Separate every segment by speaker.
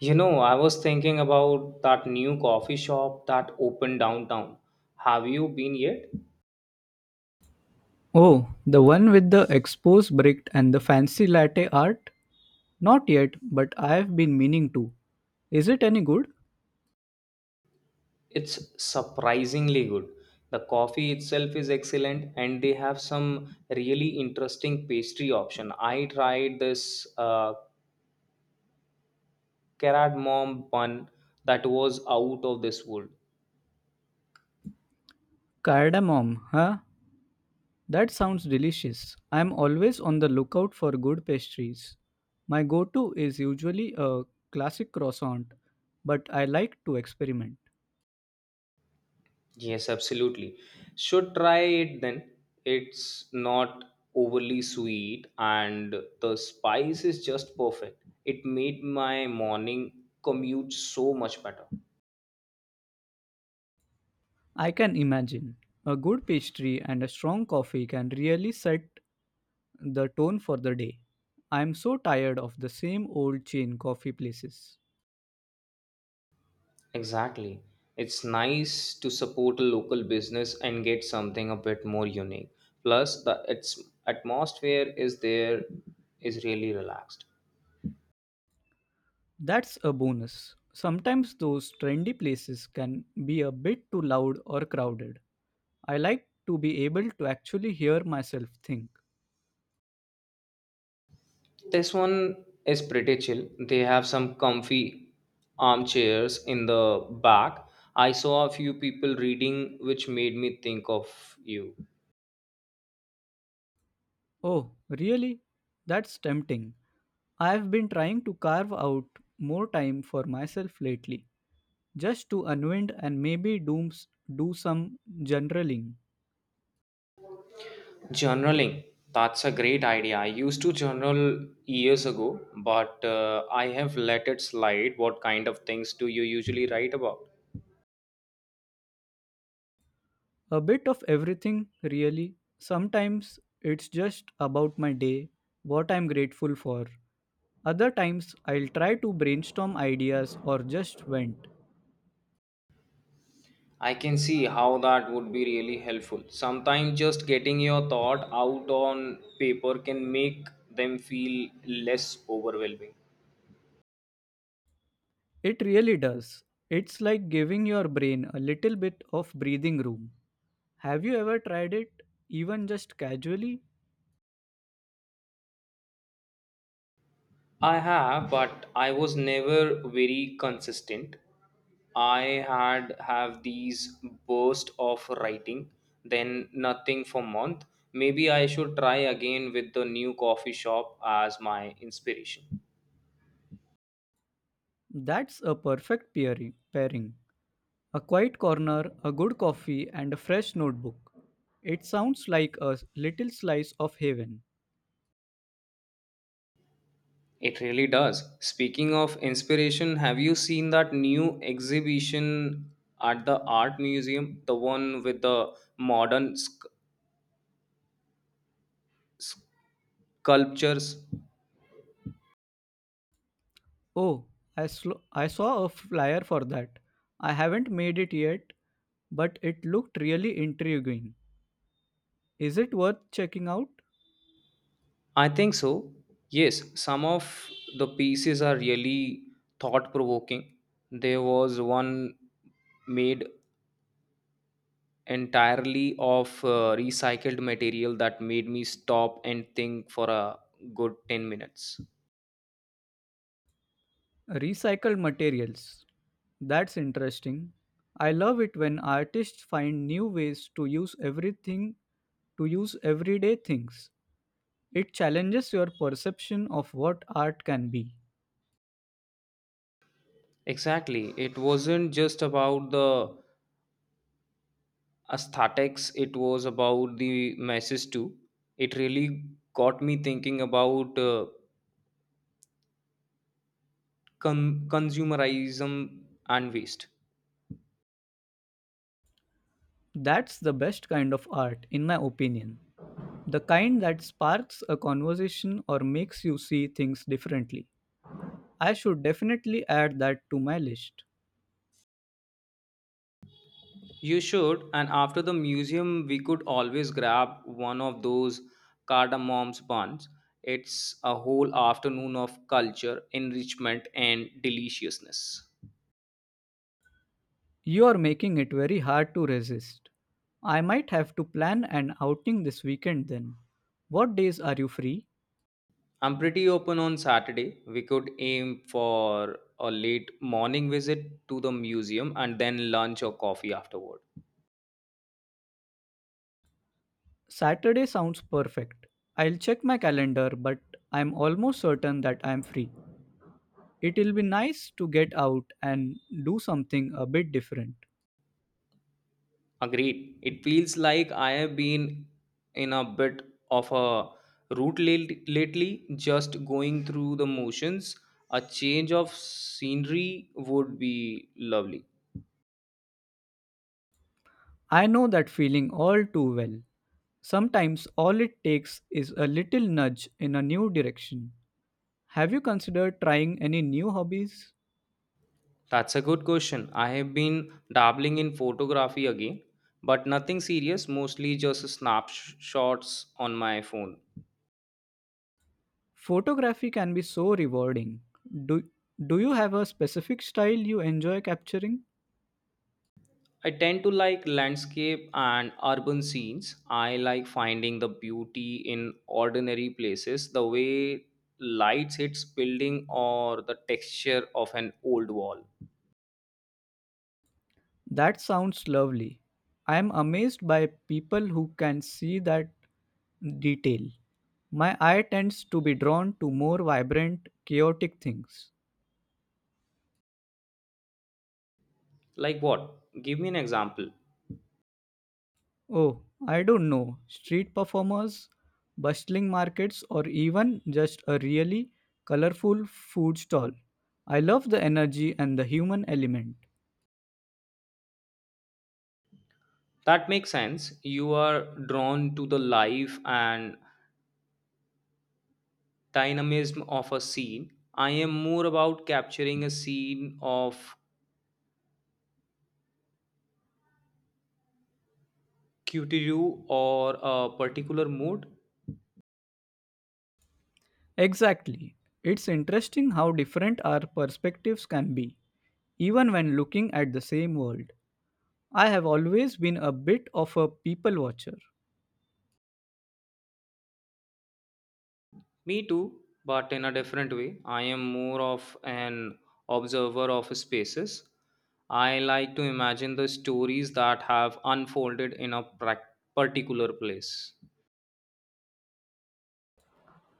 Speaker 1: You know, I was thinking about that new coffee shop that opened downtown. Have you been yet?
Speaker 2: Oh, the one with the exposed brick and the fancy latte art? Not yet, but I've been meaning to. Is it any good?
Speaker 1: It's surprisingly good. The coffee itself is excellent and they have some really interesting pastry option. I tried this cardamom bun that was out of this world.
Speaker 2: Cardamom, huh? That sounds delicious. I'm always on the lookout for good pastries. My go to is usually a classic croissant, but I like to experiment.
Speaker 1: Yes, absolutely. Should try it then. It's not overly sweet and the spice is just perfect. It made my morning commute so much better.
Speaker 2: I can imagine. A good pastry and a strong coffee can really set the tone for the day. I'm so tired of the same old chain coffee places.
Speaker 1: Exactly. It's nice to support a local business and get something a bit more unique. Plus the its atmosphere is there is really relaxed.
Speaker 2: That's a bonus. Sometimes those trendy places can be a bit too loud or crowded. I like to be able to actually hear myself think.
Speaker 1: This one is pretty chill. They have some comfy armchairs in the back. I saw a few people reading, which made me think of you.
Speaker 2: Oh, really? That's tempting. I've been trying to carve out more time for myself lately, just to unwind and maybe do some generaling.
Speaker 1: Journaling. That's a great idea. I used to journal years ago, but I have let it slide. What kind of things do you usually write about?
Speaker 2: A bit of everything, really. Sometimes it's just about my day, what I'm grateful for. Other times, I'll try to brainstorm ideas or just vent.
Speaker 1: I can see how that would be really helpful. Sometimes just getting your thought out on paper can make them feel less overwhelming.
Speaker 2: It really does. It's like giving your brain a little bit of breathing room. Have you ever tried it, even just casually?
Speaker 1: I have, but I was never very consistent. I had have these burst of writing, then nothing for month. Maybe I should try again with the new coffee shop as my inspiration.
Speaker 2: That's a perfect pairing. A quiet corner, a good coffee, and a fresh notebook. It sounds like a little slice of heaven.
Speaker 1: It really does. Speaking of inspiration, have you seen that new exhibition at the art museum? The one with the modern sculptures?
Speaker 2: Oh, I saw a flyer for that. I haven't made it yet, but it looked really intriguing. Is it worth checking out?
Speaker 1: I think so. Yes, some of the pieces are really thought provoking. There was one made entirely of recycled material that made me stop and think for a good 10 minutes.
Speaker 2: Recycled materials. That's interesting. I love it when artists find new ways to use everyday things. It challenges your perception of what art can be.
Speaker 1: Exactly. It wasn't just about the aesthetics, it was about the message too. It really got me thinking about consumerism and waste.
Speaker 2: That's the best kind of art, in my opinion. The kind that sparks a conversation or makes you see things differently. I should definitely add that to my list.
Speaker 1: You should, and after the museum, we could always grab one of those cardamom's buns. It's a whole afternoon of culture, enrichment, and deliciousness.
Speaker 2: You are making it very hard to resist. I might have to plan an outing this weekend then. What days are you free?
Speaker 1: I'm pretty open on Saturday. We could aim for a late morning visit to the museum and then lunch or coffee afterward.
Speaker 2: Saturday sounds perfect. I'll check my calendar, but I'm almost certain that I'm free. It'll be nice to get out and do something a bit different.
Speaker 1: Agreed. It feels like I have been in a bit of a lately, just going through the motions. A change of scenery would be lovely.
Speaker 2: I know that feeling all too well. Sometimes all it takes is a little nudge in a new direction. Have you considered trying any new hobbies?
Speaker 1: That's a good question. I have been dabbling in photography again, but nothing serious, mostly just snapshots on my phone.
Speaker 2: Photography can be so rewarding. Do, do you have a specific style you enjoy capturing?
Speaker 1: I tend to like landscape and urban scenes. I like finding the beauty in ordinary places, the way lights hits building or the texture of an old wall.
Speaker 2: That sounds lovely. I am amazed by people who can see that detail. My eye tends to be drawn to more vibrant, chaotic things.
Speaker 1: Like what? Give me an example.
Speaker 2: Oh, I don't know, street performers, bustling markets, or even just a really colorful food stall. I love the energy and the human element.
Speaker 1: That makes sense. You are drawn to the life and dynamism of a scene. I am more about capturing a scene of cutie or a particular mood.
Speaker 2: Exactly. It's interesting how different our perspectives can be, even when looking at the same world. I have always been a bit of a people watcher.
Speaker 1: Me too, but in a different way. I am more of an observer of spaces. I like to imagine the stories that have unfolded in a particular place.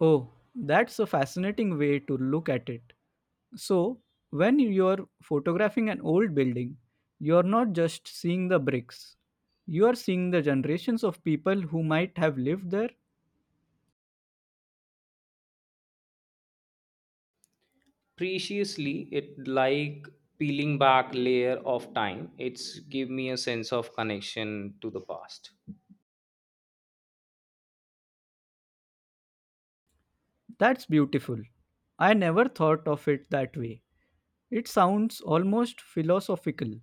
Speaker 2: Oh, that's a fascinating way to look at it. So, when you're photographing an old building, you're not just seeing the bricks, you are seeing the generations of people who might have lived there.
Speaker 1: Preciously, it like peeling back layer of time. It's give me a sense of connection to the past.
Speaker 2: That's beautiful. I never thought of it that way. It sounds almost philosophical.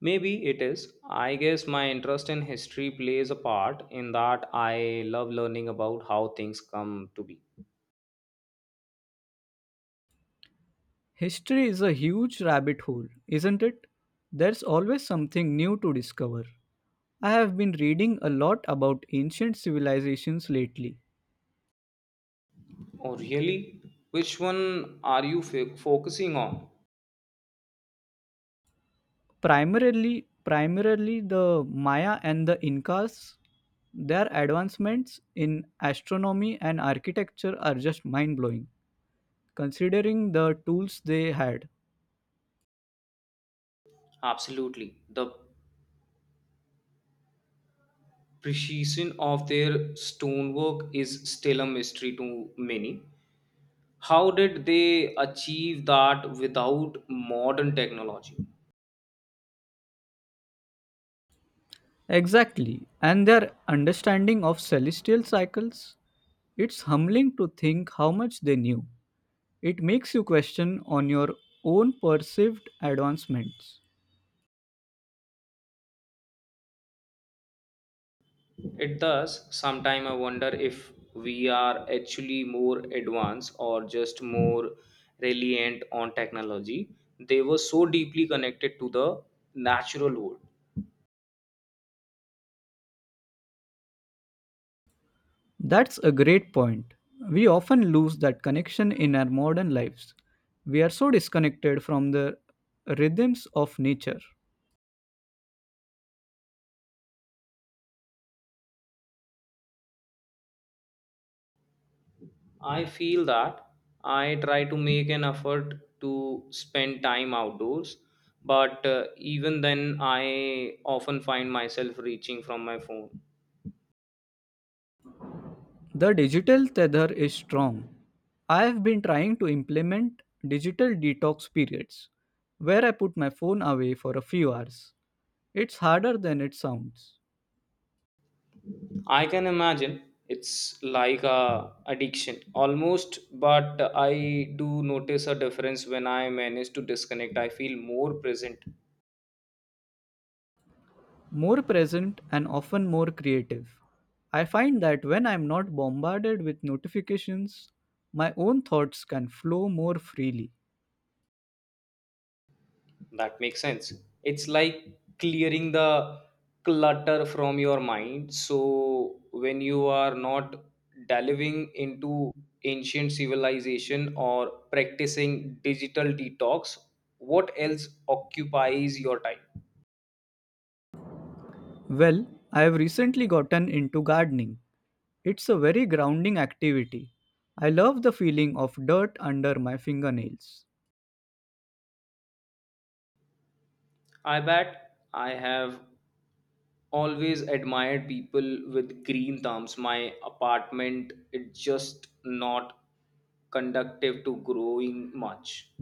Speaker 1: Maybe it is. I guess my interest in history plays a part in that I love learning about how things come to be.
Speaker 2: History is a huge rabbit hole, isn't it? There's always something new to discover. I have been reading a lot about ancient civilizations lately,
Speaker 1: Oh, really? Which one are you focusing on?
Speaker 2: primarily the Maya and the Incas. Their advancements in astronomy and architecture are just mind-blowing considering the tools they had.
Speaker 1: Absolutely. The precision of their stonework is still a mystery to many. How did they achieve that without modern technology?
Speaker 2: Exactly, and their understanding of celestial cycles. It's humbling to think how much they knew. It makes you question on your own perceived advancements.
Speaker 1: It does. Sometimes I wonder if we are actually more advanced or just more reliant on technology. They were so deeply connected to the natural world.
Speaker 2: That's a great point. We often lose that connection in our modern lives. We are so disconnected from the rhythms of nature.
Speaker 1: I feel that I try to make an effort to spend time outdoors, but even then, I often find myself reaching from my phone.
Speaker 2: The digital tether is strong. I have been trying to implement digital detox periods where I put my phone away for a few hours. It's harder than it sounds.
Speaker 1: I can imagine it's like a addiction almost, but I do notice a difference when I manage to disconnect. I feel more present.
Speaker 2: More present and often more creative. I find that when I'm not bombarded with notifications, my own thoughts can flow more freely.
Speaker 1: That makes sense. It's like clearing the clutter from your mind. So when you are not delving into ancient civilization or practicing digital detox, what else occupies your time?
Speaker 2: Well, I have recently gotten into gardening. It's a very grounding activity. I love the feeling of dirt under my fingernails.
Speaker 1: I bet I have always admired people with green thumbs. My apartment, it's just not conductive to growing much.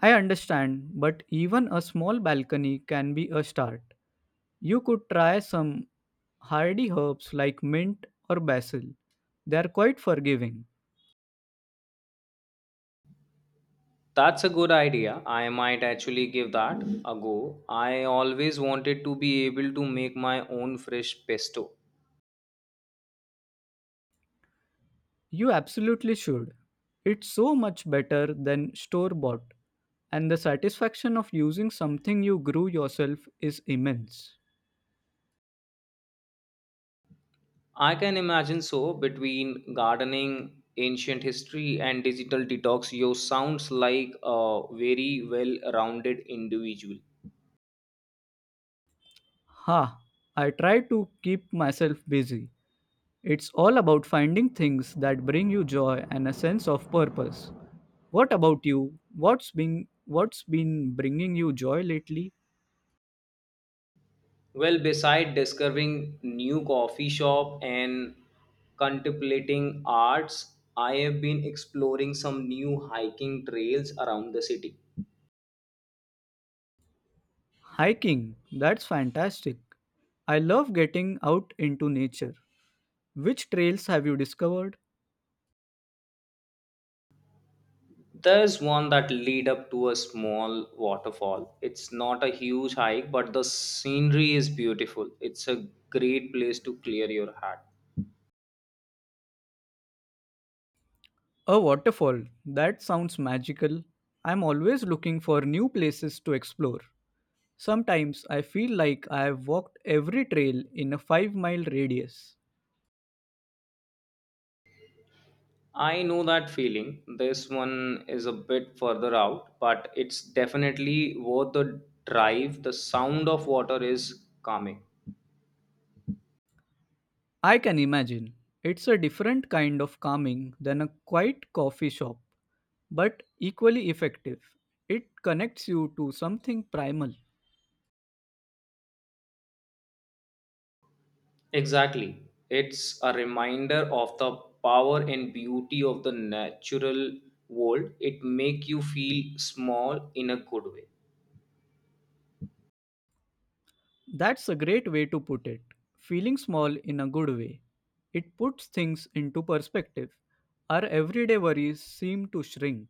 Speaker 2: I understand, but even a small balcony can be a start. You could try some hardy herbs like mint or basil. They are quite forgiving.
Speaker 1: That's a good idea. I might actually give that a go. I always wanted to be able to make my own fresh pesto.
Speaker 2: You absolutely should. It's so much better than store bought, and the satisfaction of using something you grew yourself is immense.
Speaker 1: I can imagine so between gardening, ancient history, and digital detox, you sounds like a very well-rounded individual.
Speaker 2: Ha! I try to keep myself busy. It's all about finding things that bring you joy and a sense of purpose. What about you? What's been bringing you joy lately?
Speaker 1: Well, beside discovering new coffee shop and contemplating arts, I have been exploring some new hiking trails around the city.
Speaker 2: Hiking. That's fantastic. I love getting out into nature. Which trails have you discovered?
Speaker 1: There's one that lead up to a small waterfall. It's not a huge hike, but the scenery is beautiful. It's a great place to clear your head.
Speaker 2: A waterfall. That sounds magical. I'm always looking for new places to explore. Sometimes I feel like I have walked every trail in a 5-mile radius.
Speaker 1: I know that feeling. This one is a bit further out, but it's definitely worth the drive. The sound of water is calming.
Speaker 2: I can imagine. It's a different kind of calming than a quiet coffee shop, but equally effective. It connects you to something primal.
Speaker 1: Exactly. It's a reminder of the power and beauty of the natural world. It make you feel small in a good way.
Speaker 2: That's a great way to put it. Feeling small in a good way. It puts things into perspective. Our everyday worries seem to shrink.